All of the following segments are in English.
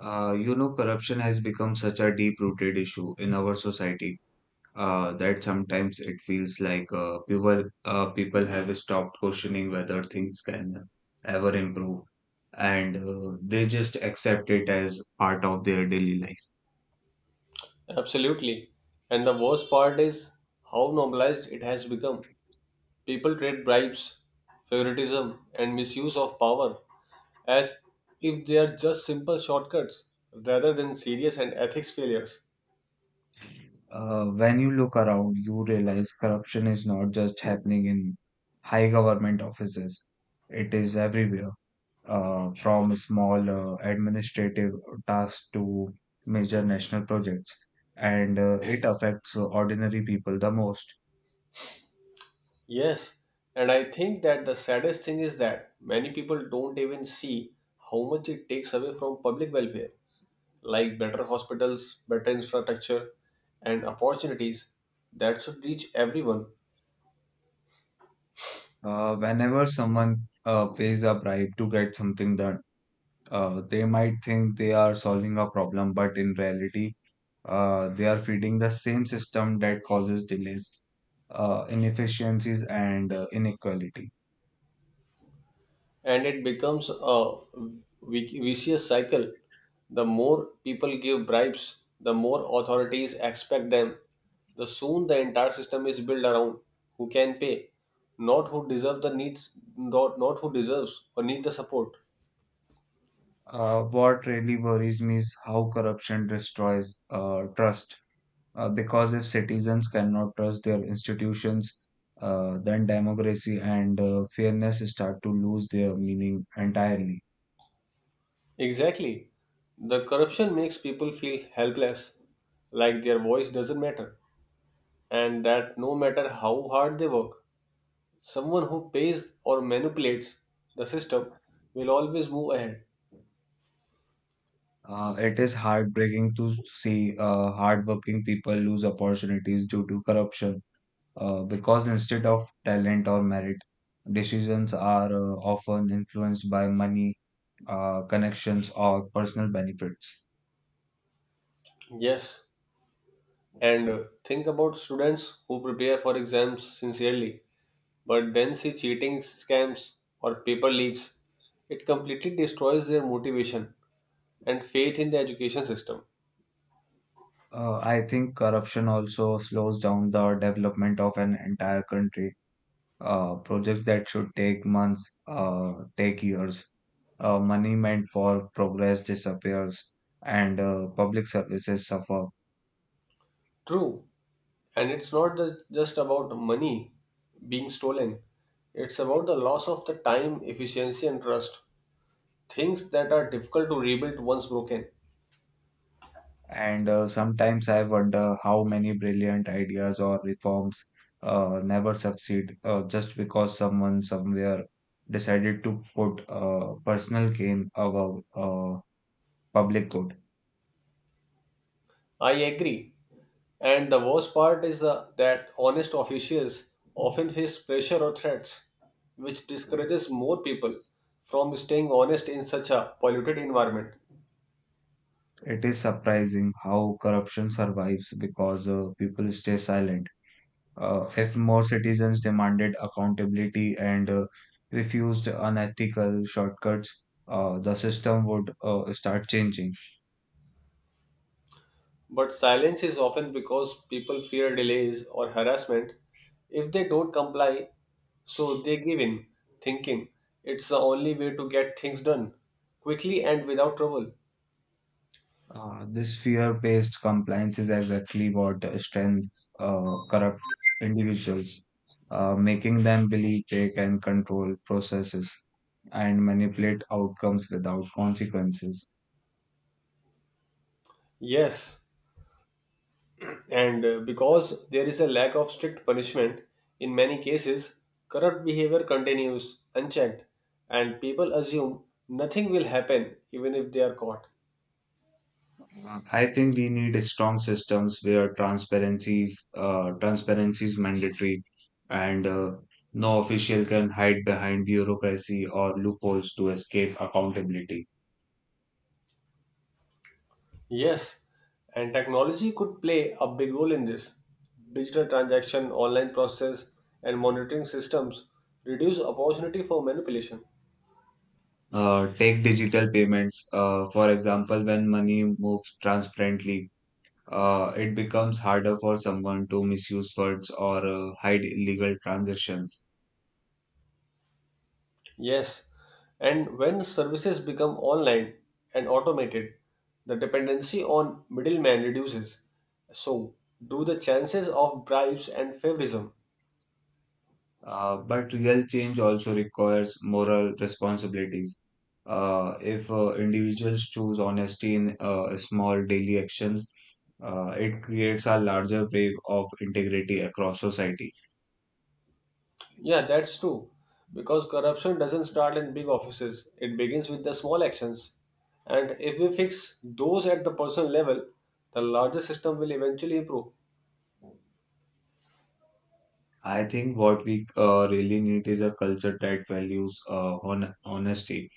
Corruption has become such a deep-rooted issue in our society that sometimes it feels like people have stopped questioning whether things can ever improve, and they just accept it as part of their daily life. Absolutely. And the worst part is how normalized it has become. People trade bribes, favoritism, and misuse of power as if they are just simple shortcuts rather than serious and ethics failures. When you look around, you realize corruption is not just happening in high government offices; it is everywhere. From small administrative tasks to major national projects, and it affects ordinary people the most. Yes, and I think that the saddest thing is that many people don't even see how much it takes away from public welfare, like better hospitals, better infrastructure, and opportunities that should reach everyone, Whenever someone pays a bribe to get something done, they might think they are solving a problem, but in reality, they are feeding the same system that causes delays, inefficiencies, and inequality. and it becomes a vicious cycle. The more people give bribes, the more authorities expect them. The soon the entire system is built around who can pay, not who deserves the needs, not who deserves or needs the support. What really worries me is how corruption destroys trust. Because if citizens cannot trust their institutions, then democracy and fairness start to lose their meaning entirely. Exactly. The corruption makes people feel helpless, like their voice doesn't matter, and that no matter how hard they work, someone who pays or manipulates the system will always move ahead. It is heartbreaking to see hardworking people lose opportunities due to corruption. Because instead of talent or merit, decisions are often influenced by money, connections, or personal benefits. Yes, and think about students who prepare for exams sincerely but then see cheating scams or paper leaks. It completely destroys their motivation and faith in the education system. I think corruption also slows down the development of an entire country. Projects that should take months take years. Money meant for progress disappears, and public services suffer. True, and it's not just about money being stolen, it's about the loss of the time, efficiency, and trust. Things that are difficult to rebuild once broken. And sometimes I wonder how many brilliant ideas or reforms never succeed just because someone somewhere decided to put personal gain above public good. I agree. And the worst part is that honest officials often face pressure or threats, which discourages more people from staying honest in such a polluted environment. It is surprising how corruption survives because people stay silent. If more citizens demanded accountability and refused unethical shortcuts, the system would start changing. But silence is often because people fear delays or harassment if they don't comply, so they give in, thinking it's the only way to get things done quickly and without trouble. This fear based compliance is exactly what strengthens corrupt individuals, making them believe they can control processes and manipulate outcomes without consequences. Yes, and because there is a lack of strict punishment, in many cases, corrupt behavior continues unchecked, and people assume nothing will happen even if they are caught. I think we need strong systems where transparency is mandatory, and no official can hide behind bureaucracy or loopholes to escape accountability. Yes, and technology could play a big role in this. Digital transaction, online process, and monitoring systems reduce opportunity for manipulation. Take digital payments, for example, when money moves transparently, it becomes harder for someone to misuse funds or hide illegal transactions. Yes, and when services become online and automated, the dependency on middlemen reduces. So, do the chances of bribes and favoritism? But real change also requires moral responsibilities. If individuals choose honesty in small daily actions, it creates a larger wave of integrity across society. Yeah, that's true. Because corruption doesn't start in big offices, it begins with the small actions. And if we fix those at the personal level, the larger system will eventually improve. I think what we really need is a culture that values honesty,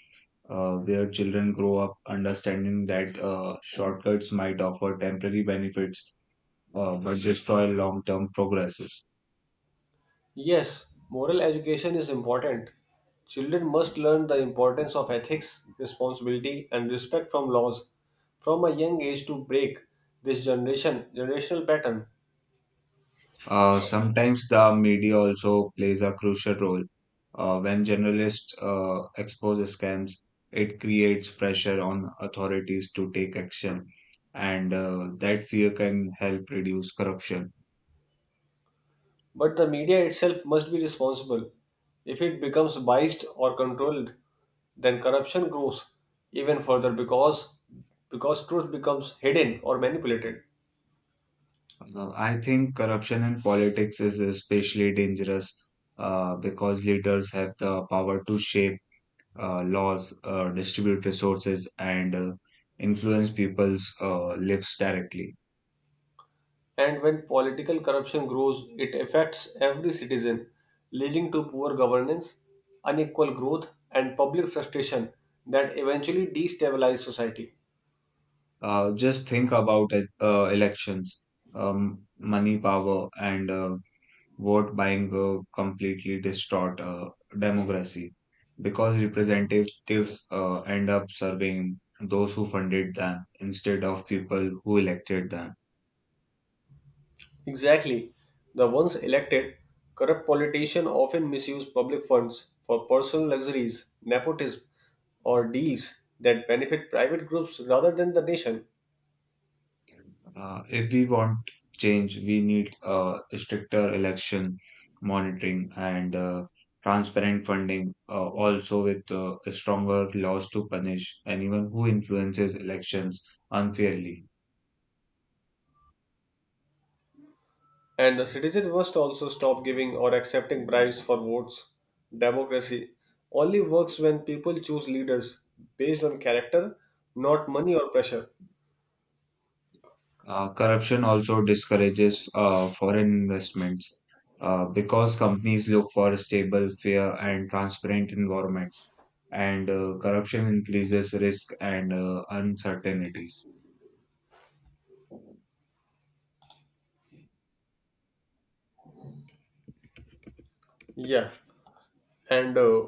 where children grow up understanding that shortcuts might offer temporary benefits but destroy long term progresses. Yes, moral education is important. Children must learn the importance of ethics, responsibility, and respect from laws from a young age to break this generational pattern. Sometimes the media also plays a crucial role. When journalists expose scams, it creates pressure on authorities to take action, and that fear can help reduce corruption. But the media itself must be responsible. If it becomes biased or controlled, then corruption grows even further because truth becomes hidden or manipulated. I think corruption in politics is especially dangerous because leaders have the power to shape laws, distribute resources, and influence people's lives directly. And when political corruption grows, it affects every citizen, leading to poor governance, unequal growth, and public frustration that eventually destabilize society. Just think about it, elections, money, power, and vote buying completely distort democracy because representatives end up serving those who funded them instead of people who elected them. Exactly. The once elected, corrupt politicians often misuse public funds for personal luxuries, nepotism, or deals that benefit private groups rather than the nation. If we want change, we need stricter election monitoring and transparent funding, also with stronger laws to punish anyone who influences elections unfairly. And the citizens must also stop giving or accepting bribes for votes. Democracy only works when people choose leaders based on character, not money or pressure. Corruption also discourages foreign investments because companies look for stable, fair, and transparent environments, and corruption increases risk and uncertainties. Yeah, and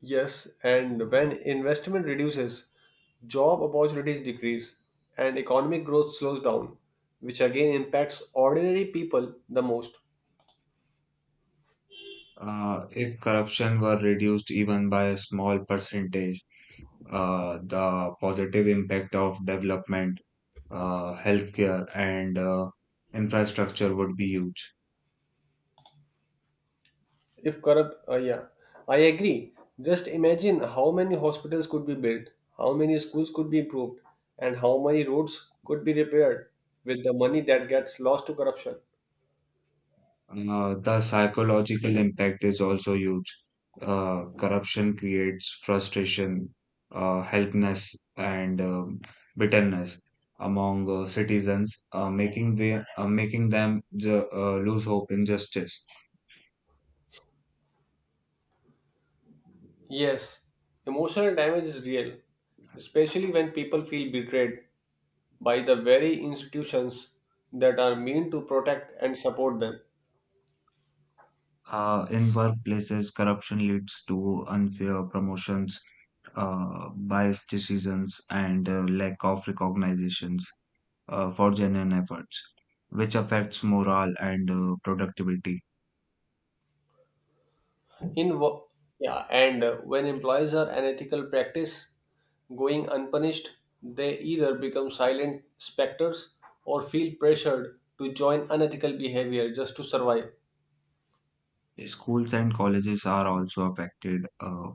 yes, and when investment reduces, job opportunities decrease, and economic growth slows down, which again impacts ordinary people the most. If corruption were reduced even by a small percentage, the positive impact of development, healthcare, and infrastructure would be huge. If corrupt, yeah, I agree. Just imagine how many hospitals could be built, how many schools could be improved, and how many roads could be repaired with the money that gets lost to corruption. The psychological impact is also huge. Corruption creates frustration, helplessness, and bitterness among citizens, making them lose hope in justice. Yes, emotional damage is real, especially when people feel betrayed by the very institutions that are meant to protect and support them. In workplaces, corruption leads to unfair promotions, biased decisions, and lack of recognitions for genuine efforts, which affects morale and productivity. In wo- yeah, and when employees are unethical practice going unpunished, they either become silent specters or feel pressured to join unethical behavior just to survive. Schools and colleges are also affected.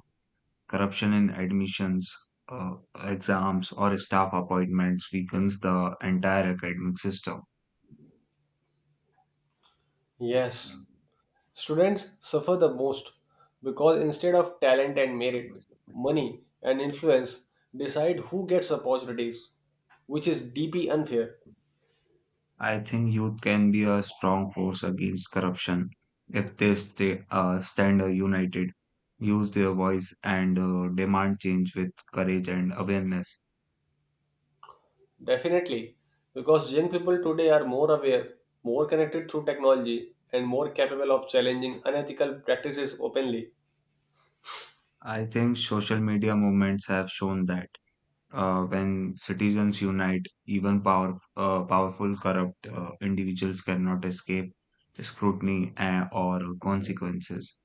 Corruption in admissions, uh, exams, or staff appointments weakens the entire academic system. Yes, students suffer the most because instead of talent and merit, money and influence decide who gets opportunities, which is deeply unfair. I think youth can be a strong force against corruption if they stand united, use their voice, and demand change with courage and awareness. Definitely, because young people today are more aware, more connected through technology, and more capable of challenging unethical practices openly. I think social media movements have shown that when citizens unite, even powerful corrupt individuals cannot escape scrutiny or consequences.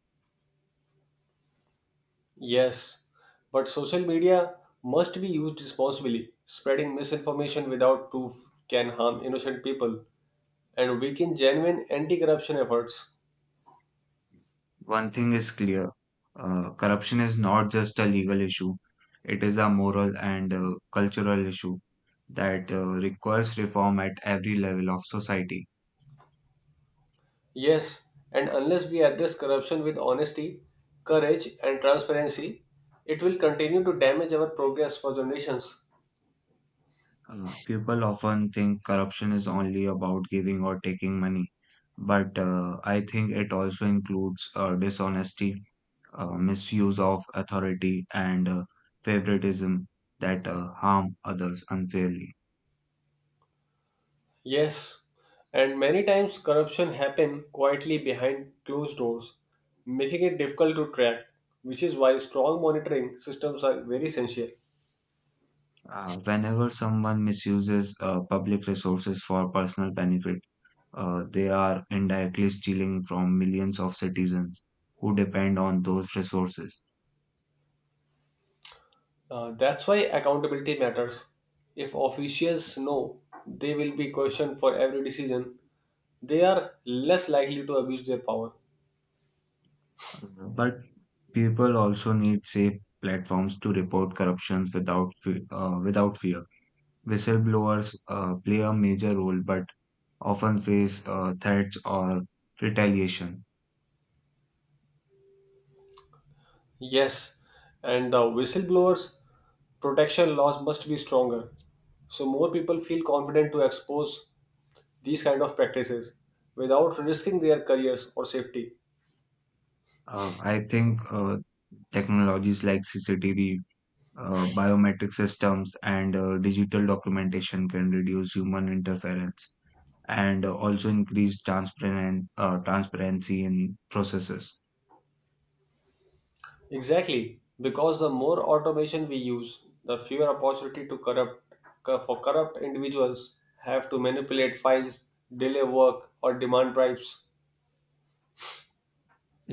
Yes, but social media must be used responsibly. Spreading misinformation without proof can harm innocent people and weaken genuine anti corruption efforts. One thing is clear. Corruption is not just a legal issue, it is a moral and cultural issue that requires reform at every level of society. Yes, and unless we address corruption with honesty, courage, and transparency, it will continue to damage our progress for generations. People often think corruption is only about giving or taking money, but I think it also includes dishonesty, misuse of authority, and favoritism that harm others unfairly. Yes, and many times corruption happen quietly behind closed doors, making it difficult to track, which is why strong monitoring systems are very essential. Whenever someone misuses public resources for personal benefit, they are indirectly stealing from millions of citizens who depend on those resources. That's why accountability matters. If officials know they will be questioned for every decision, they are less likely to abuse their power. Mhm. But people also need safe platforms to report corruptions without fear. Whistleblowers play a major role, but often face threats or retaliation. Yes, and the whistleblowers' protection laws must be stronger, so more people feel confident to expose these kind of practices without risking their careers or safety. I think technologies like CCTV, biometric systems and digital documentation can reduce human interference and also increase transparency in processes. Exactly, because the more automation we use, the fewer opportunity to for corrupt individuals have to manipulate files, delay work, or demand bribes.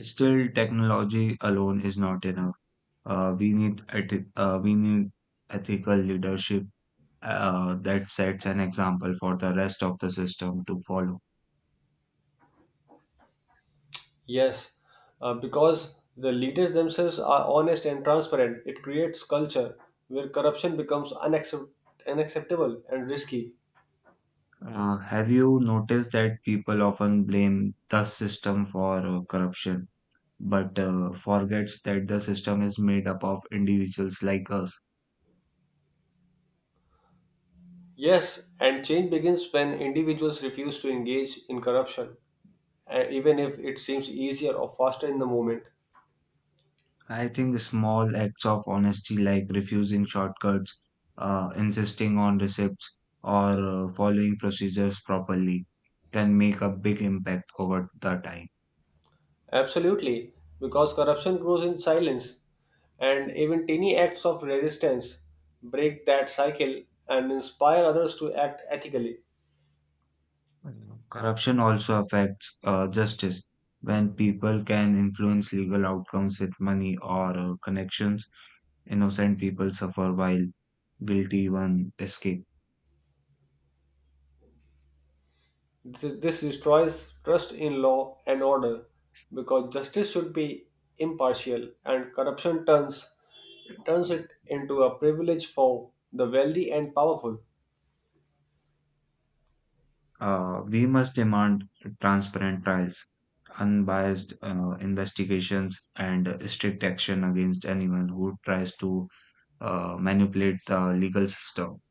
Still, technology alone is not enough. We need ethical leadership that sets an example for the rest of the system to follow. Yes, because the leaders themselves are honest and transparent, it creates culture where corruption becomes unacceptable and risky. Have you noticed that people often blame the system for corruption? But forgets that the system is made up of individuals like us. Yes, and change begins when individuals refuse to engage in corruption, even if it seems easier or faster in the moment. I think small acts of honesty, like refusing shortcuts, insisting on receipts, or following procedures properly, can make a big impact over the time. Absolutely, because corruption grows in silence, and even tiny acts of resistance break that cycle and inspire others to act ethically. Mm. Corruption also affects justice. When people can influence legal outcomes with money or connections, innocent people suffer while guilty ones escape. This destroys trust in law and order because justice should be impartial, and corruption turns it into a privilege for the wealthy and powerful. We must demand transparent trials, unbiased investigations, and strict action against anyone who tries to manipulate the legal system.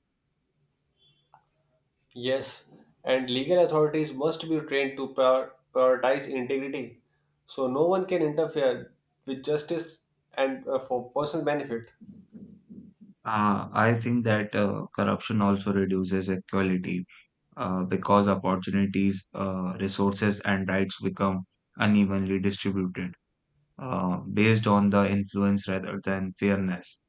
Yes, and legal authorities must be trained to prioritize integrity so no one can interfere with justice and for personal benefit. I think that corruption also reduces equality because opportunities, resources, and rights become unevenly distributed based on the influence rather than fairness.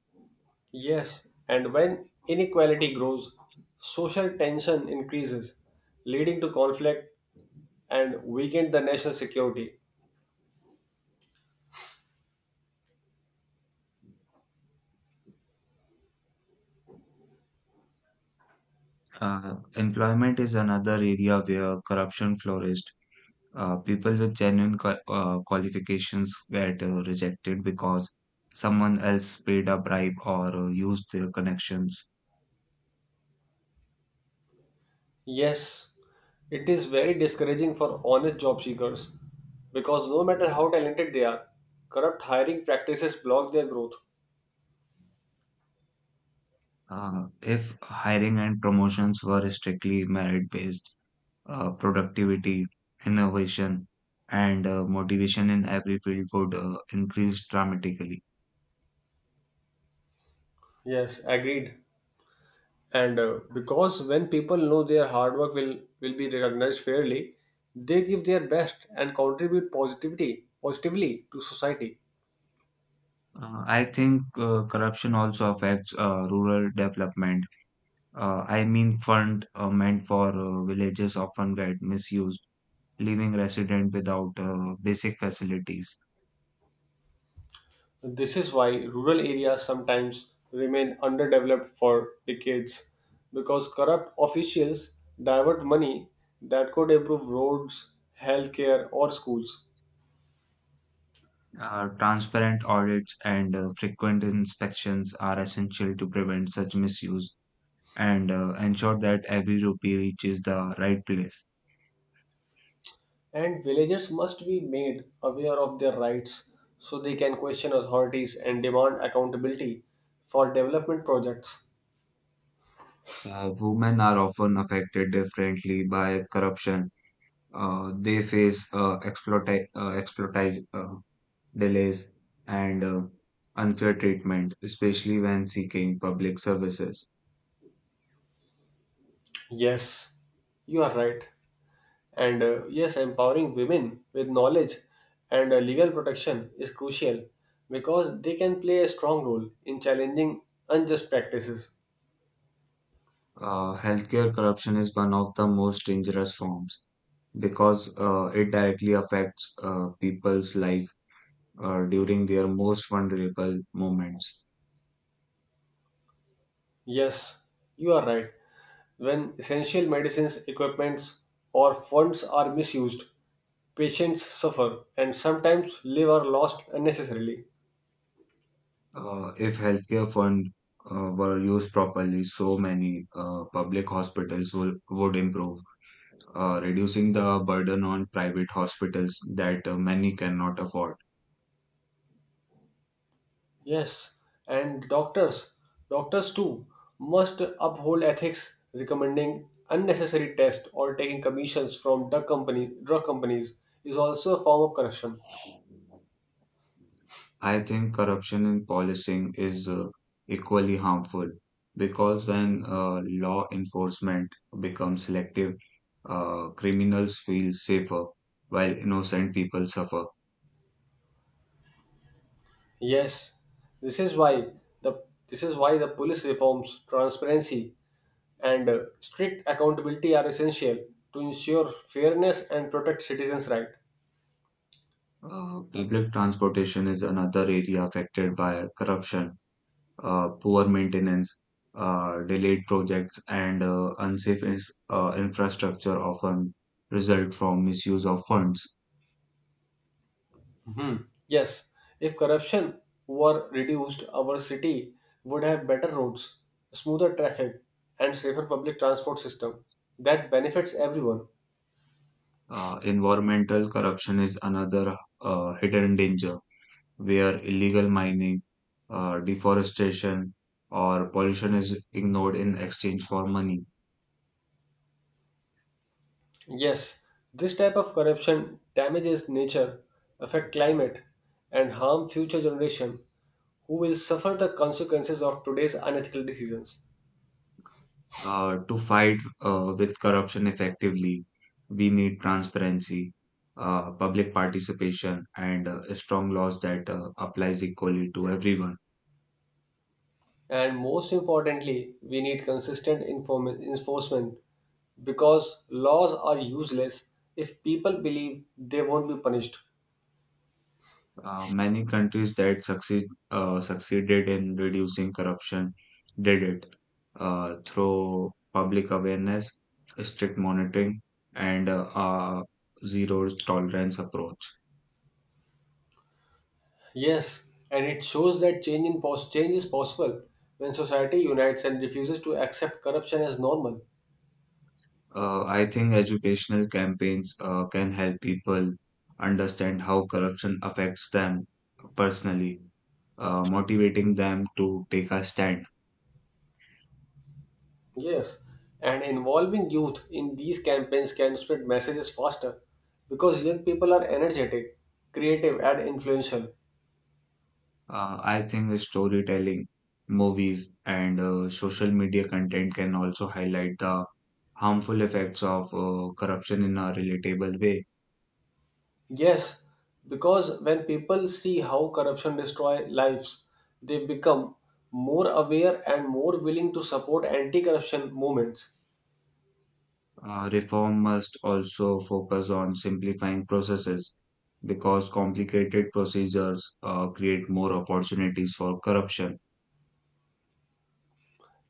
Yes, and when inequality grows, social tension increases, leading to conflict and weaken the national security. Employment is another area where corruption flourished. People with genuine qualifications get rejected because someone else paid a bribe or used their connections. Yes, it is very discouraging for honest job seekers because no matter how talented they are, corrupt hiring practices block their growth. If hiring and promotions were strictly merit based, productivity, innovation, and motivation in every field would increase dramatically. Yes, agreed. And because when people know their hard work will be recognized fairly, they give their best and contribute positivity positively to society. I think corruption also affects rural development. I mean, fund meant for villages often get misused leaving resident without basic facilities. This is why rural areas sometimes remain underdeveloped for decades because corrupt officials divert money that could improve roads, healthcare, or schools. Transparent audits and frequent inspections are essential to prevent such misuse and ensure that every rupee reaches the right place. And villagers must be made aware of their rights so they can question authorities and demand accountability for development projects. Women are often affected differently by corruption. They face delays and unfair treatment, especially when seeking public services. Yes, you are right. Empowering women with knowledge and legal protection is crucial because they can play a strong role in challenging unjust practices. Healthcare corruption is one of the most dangerous forms because it directly affects people's life during their most vulnerable moments. Yes, you are right. When essential medicines, equipments, or funds are misused, patients suffer and sometimes live are lost unnecessarily. If healthcare fund were used properly, so many public hospitals would improve, reducing the burden on private hospitals that many cannot afford. Yes, and doctors too, must uphold ethics. Recommending unnecessary tests or taking commissions from drug companies is also a form of corruption. I think corruption in policing is equally harmful because when law enforcement becomes selective, criminals feel safer while innocent people suffer. Yes, this is why the police reforms, transparency, and strict accountability are essential to ensure fairness and protect citizens' right. Public transportation is another area affected by corruption, poor maintenance, delayed projects, and unsafe infrastructure often result from misuse of funds. Hmm. Yes, if corruption were reduced, our city would have better roads, smoother traffic, and safer public transport system that benefits everyone. Environmental corruption is another hidden danger where illegal mining, deforestation, or pollution is ignored in exchange for money. Yes, this type of corruption damages nature, affect climate, and harm future generation who will suffer the consequences of today's unethical decisions. To fight with corruption effectively, we need transparency, public participation, and strong laws that applies equally to everyone. And most importantly, we need consistent enforcement because laws are useless if people believe they won't be punished. Many countries that succeeded in reducing corruption did it through public awareness, strict monitoring, and zero tolerance approach. Yes, and it shows that change is possible when society unites and refuses to accept corruption as normal. I think educational campaigns can help people understand how corruption affects them personally, motivating them to take a stand. Yes, and involving youth in these campaigns can spread messages faster because young people are energetic, creative, and influential. I think storytelling, movies, and social media content can also highlight the harmful effects of corruption in a relatable way. Yes, because when people see how corruption destroys lives, they become more aware and more willing to support anti corruption movements. Reform must also focus on simplifying processes because complicated procedures create more opportunities for corruption.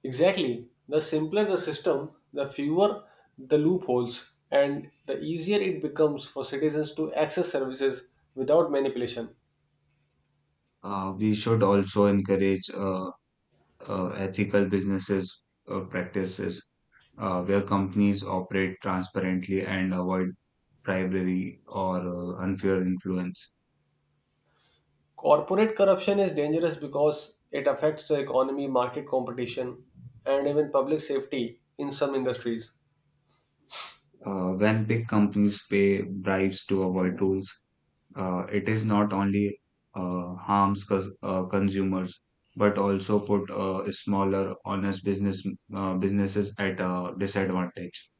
Exactly. The simpler the system, the fewer the loopholes, and the easier it becomes for citizens to access services without manipulation. We should also encourage ethical businesses practices where companies operate transparently and avoid bribery, or unfair influence. Corporate corruption is dangerous because it affects the economy, market competition, and even public safety in some industries. When big companies pay bribes to avoid rules, it is not only harms consumers but also put smaller, honest businesses at a disadvantage.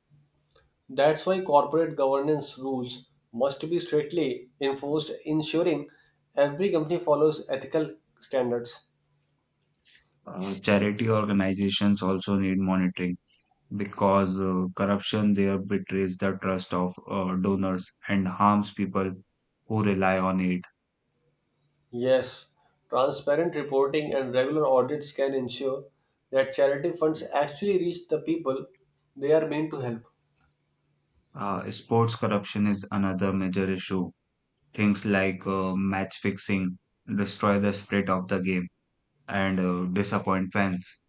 That's why corporate governance rules must be strictly enforced, ensuring every company follows ethical standards. Charity organizations also need monitoring because corruption there betrays the trust of donors and harms people who rely on it. Yes, transparent reporting and regular audits can ensure that charity funds actually reach the people they are meant to help. Sports corruption is another major issue. Things like match fixing destroy the spirit of the game and disappoint fans.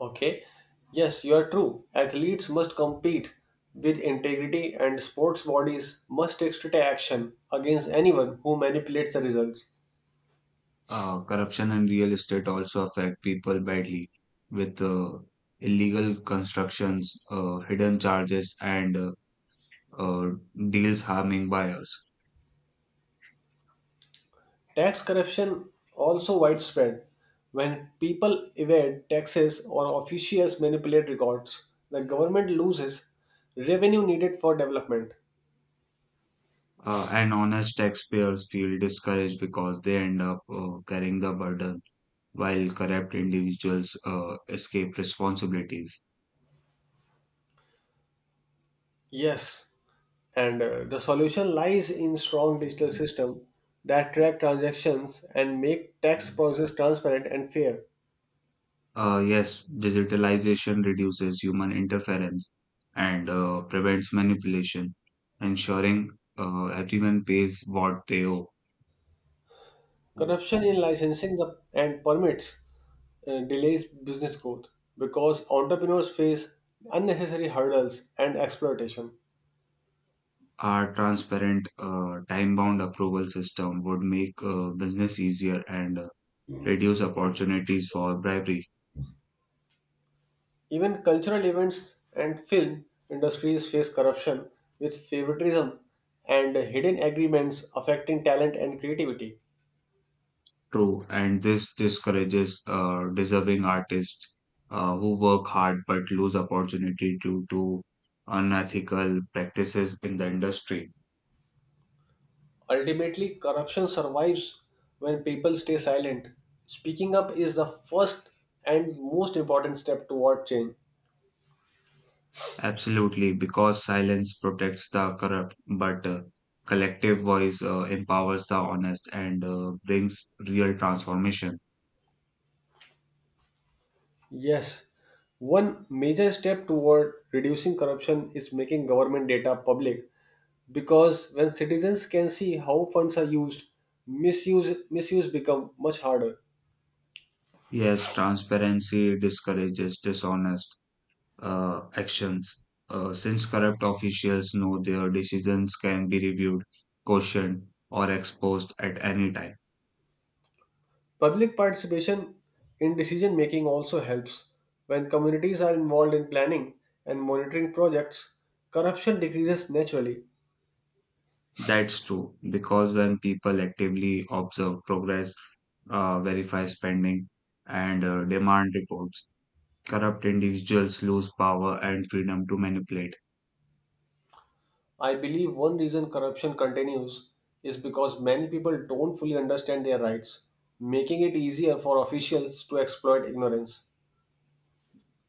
Okay, yes, you are true. Athletes must compete with integrity, and sports bodies must take strict action against anyone who manipulates the results. Corruption and real estate also affect people badly with illegal constructions, hidden charges, and uh, deals harming buyers. Tax corruption also widespread when people evade taxes or officials manipulate records. The government loses revenue needed for development. And honest taxpayers feel discouraged because they end up carrying the burden while corrupt individuals escape responsibilities. Yes, and the solution lies in strong digital system that track transactions and make tax process transparent and fair. Yes, digitalization reduces human interference and prevents manipulation, ensuring everyone pays what they owe. Corruption in licensing and permits delays business growth because entrepreneurs face unnecessary hurdles and exploitation. Our transparent, time-bound approval system would make business easier and reduce opportunities for bribery. Even cultural events and film industries face corruption with favoritism and hidden agreements affecting talent and creativity. True, and this discourages deserving artists who work hard but lose opportunity due to unethical practices in the industry. Ultimately, corruption survives when people stay silent. Speaking up is the first and most important step toward change. Absolutely, because silence protects the corrupt, but collective voice empowers the honest and brings real transformation. Yes, one major step toward reducing corruption is making government data public because when citizens can see how funds are used, misuse become much harder. Yes, transparency discourages dishonest actions. Since corrupt officials know their decisions can be reviewed, questioned, or exposed at any time. Public participation in decision making also helps. When communities are involved in planning and monitoring projects, corruption decreases naturally. That's true, because when people actively observe progress, verify spending, and demand reports, corrupt individuals lose power and freedom to manipulate. I believe one reason corruption continues is because many people don't fully understand their rights, making it easier for officials to exploit ignorance.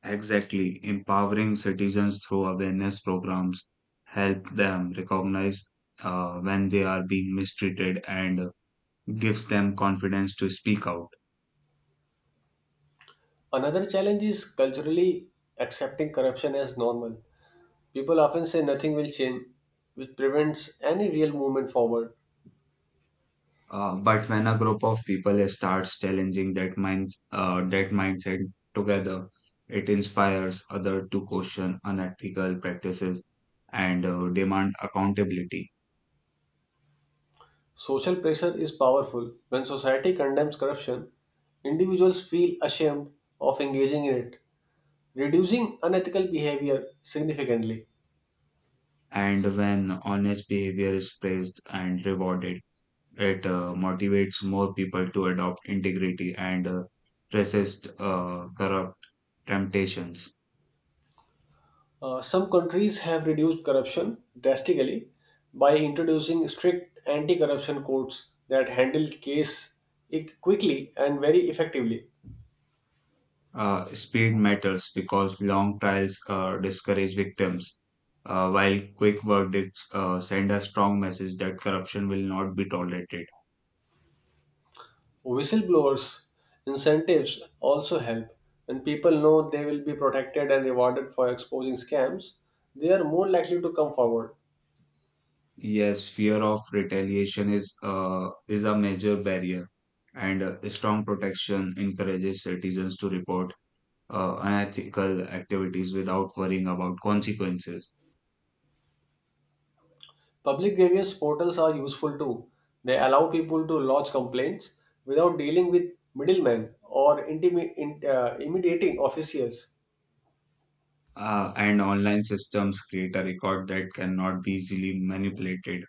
Exactly. Empowering citizens through awareness programs help them recognize when they are being mistreated and gives them confidence to speak out. Another challenge is culturally accepting corruption as normal. People often say nothing will change, which prevents any real movement forward. But when a group of people starts challenging that mindset together, it inspires others to question unethical practices and demand accountability. Social pressure is powerful. When society condemns corruption, individuals feel ashamed of engaging in it, reducing unethical behavior significantly. And when honest behavior is praised and rewarded, it motivates more people to adopt integrity and resist corrupt temptations. Some countries have reduced corruption drastically by introducing strict anti corruption codes that handle quickly and very effectively. Speed matters because long trials discourage victims, while quick verdicts send a strong message that corruption will not be tolerated. Whistleblowers' incentives also help. When people know they will be protected and rewarded for exposing scams, they are more likely to come forward. Yes, fear of retaliation is a major barrier, and strong protection encourages citizens to report unethical activities without worrying about consequences. Public grievance portals are useful too. They allow people to lodge complaints without dealing with middlemen or intimidating officials. And online systems create a record that cannot be easily manipulated,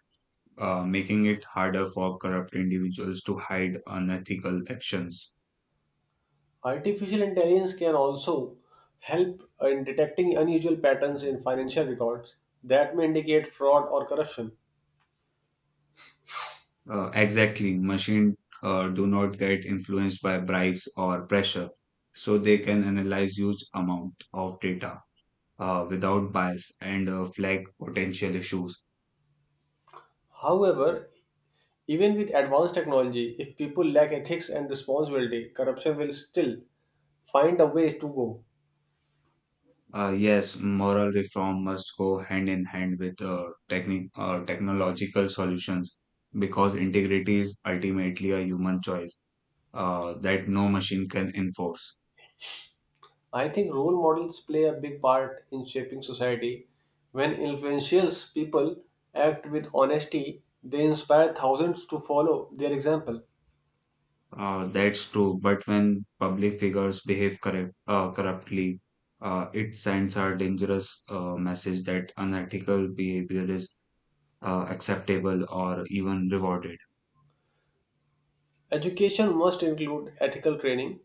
making it harder for corrupt individuals to hide unethical actions. Artificial intelligence can also help in detecting unusual patterns in financial records that may indicate fraud or corruption. Exactly, machines do not get influenced by bribes or pressure, so they can analyze huge amount of data without bias and flag potential issues. However, even with advanced technology, if people lack ethics and responsibility, corruption will still find a way to go. Yes, moral reform must go hand in hand with techni technological solutions because integrity is ultimately a human choice that no machine can enforce. I think role models play a big part in shaping society. When influential people act with honesty, they inspire thousands to follow their example. That's true, but when public figures behave corruptly, it sends a dangerous message that unethical behavior is acceptable or even rewarded. Education must include ethical training,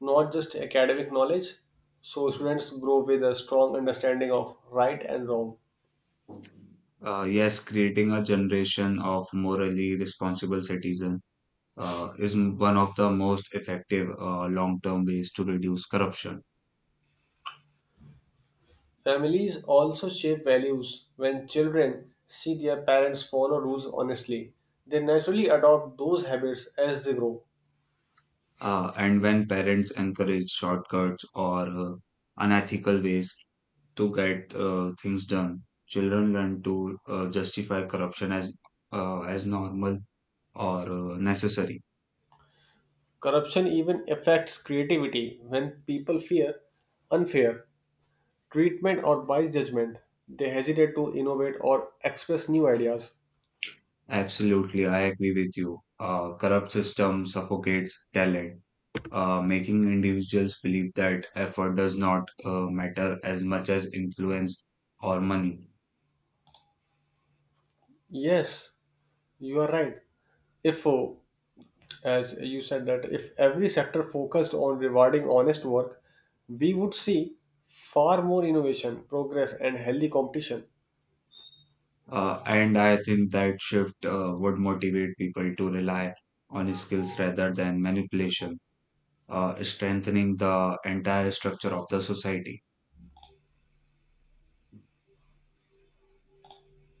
not just academic knowledge, so students grow with a strong understanding of right and wrong. Yes, creating a generation of morally responsible citizens is one of the most effective long-term ways to reduce corruption. Families also shape values. When children see their parents follow rules honestly, they naturally adopt those habits as they grow. And when parents encourage shortcuts or unethical ways to get things done, children learn to justify corruption as normal or necessary. Corruption even affects creativity. When people fear unfair treatment or biased judgment, they hesitate to innovate or express new ideas. Absolutely, I agree with you. Corrupt system suffocates talent, making individuals believe that effort does not matter as much as influence or money. Yes, you are right. If, As you said, that if every sector focused on rewarding honest work, we would see far more innovation, progress, and healthy competition. And I think that shift would motivate people to rely on skills rather than manipulation, strengthening the entire structure of the society.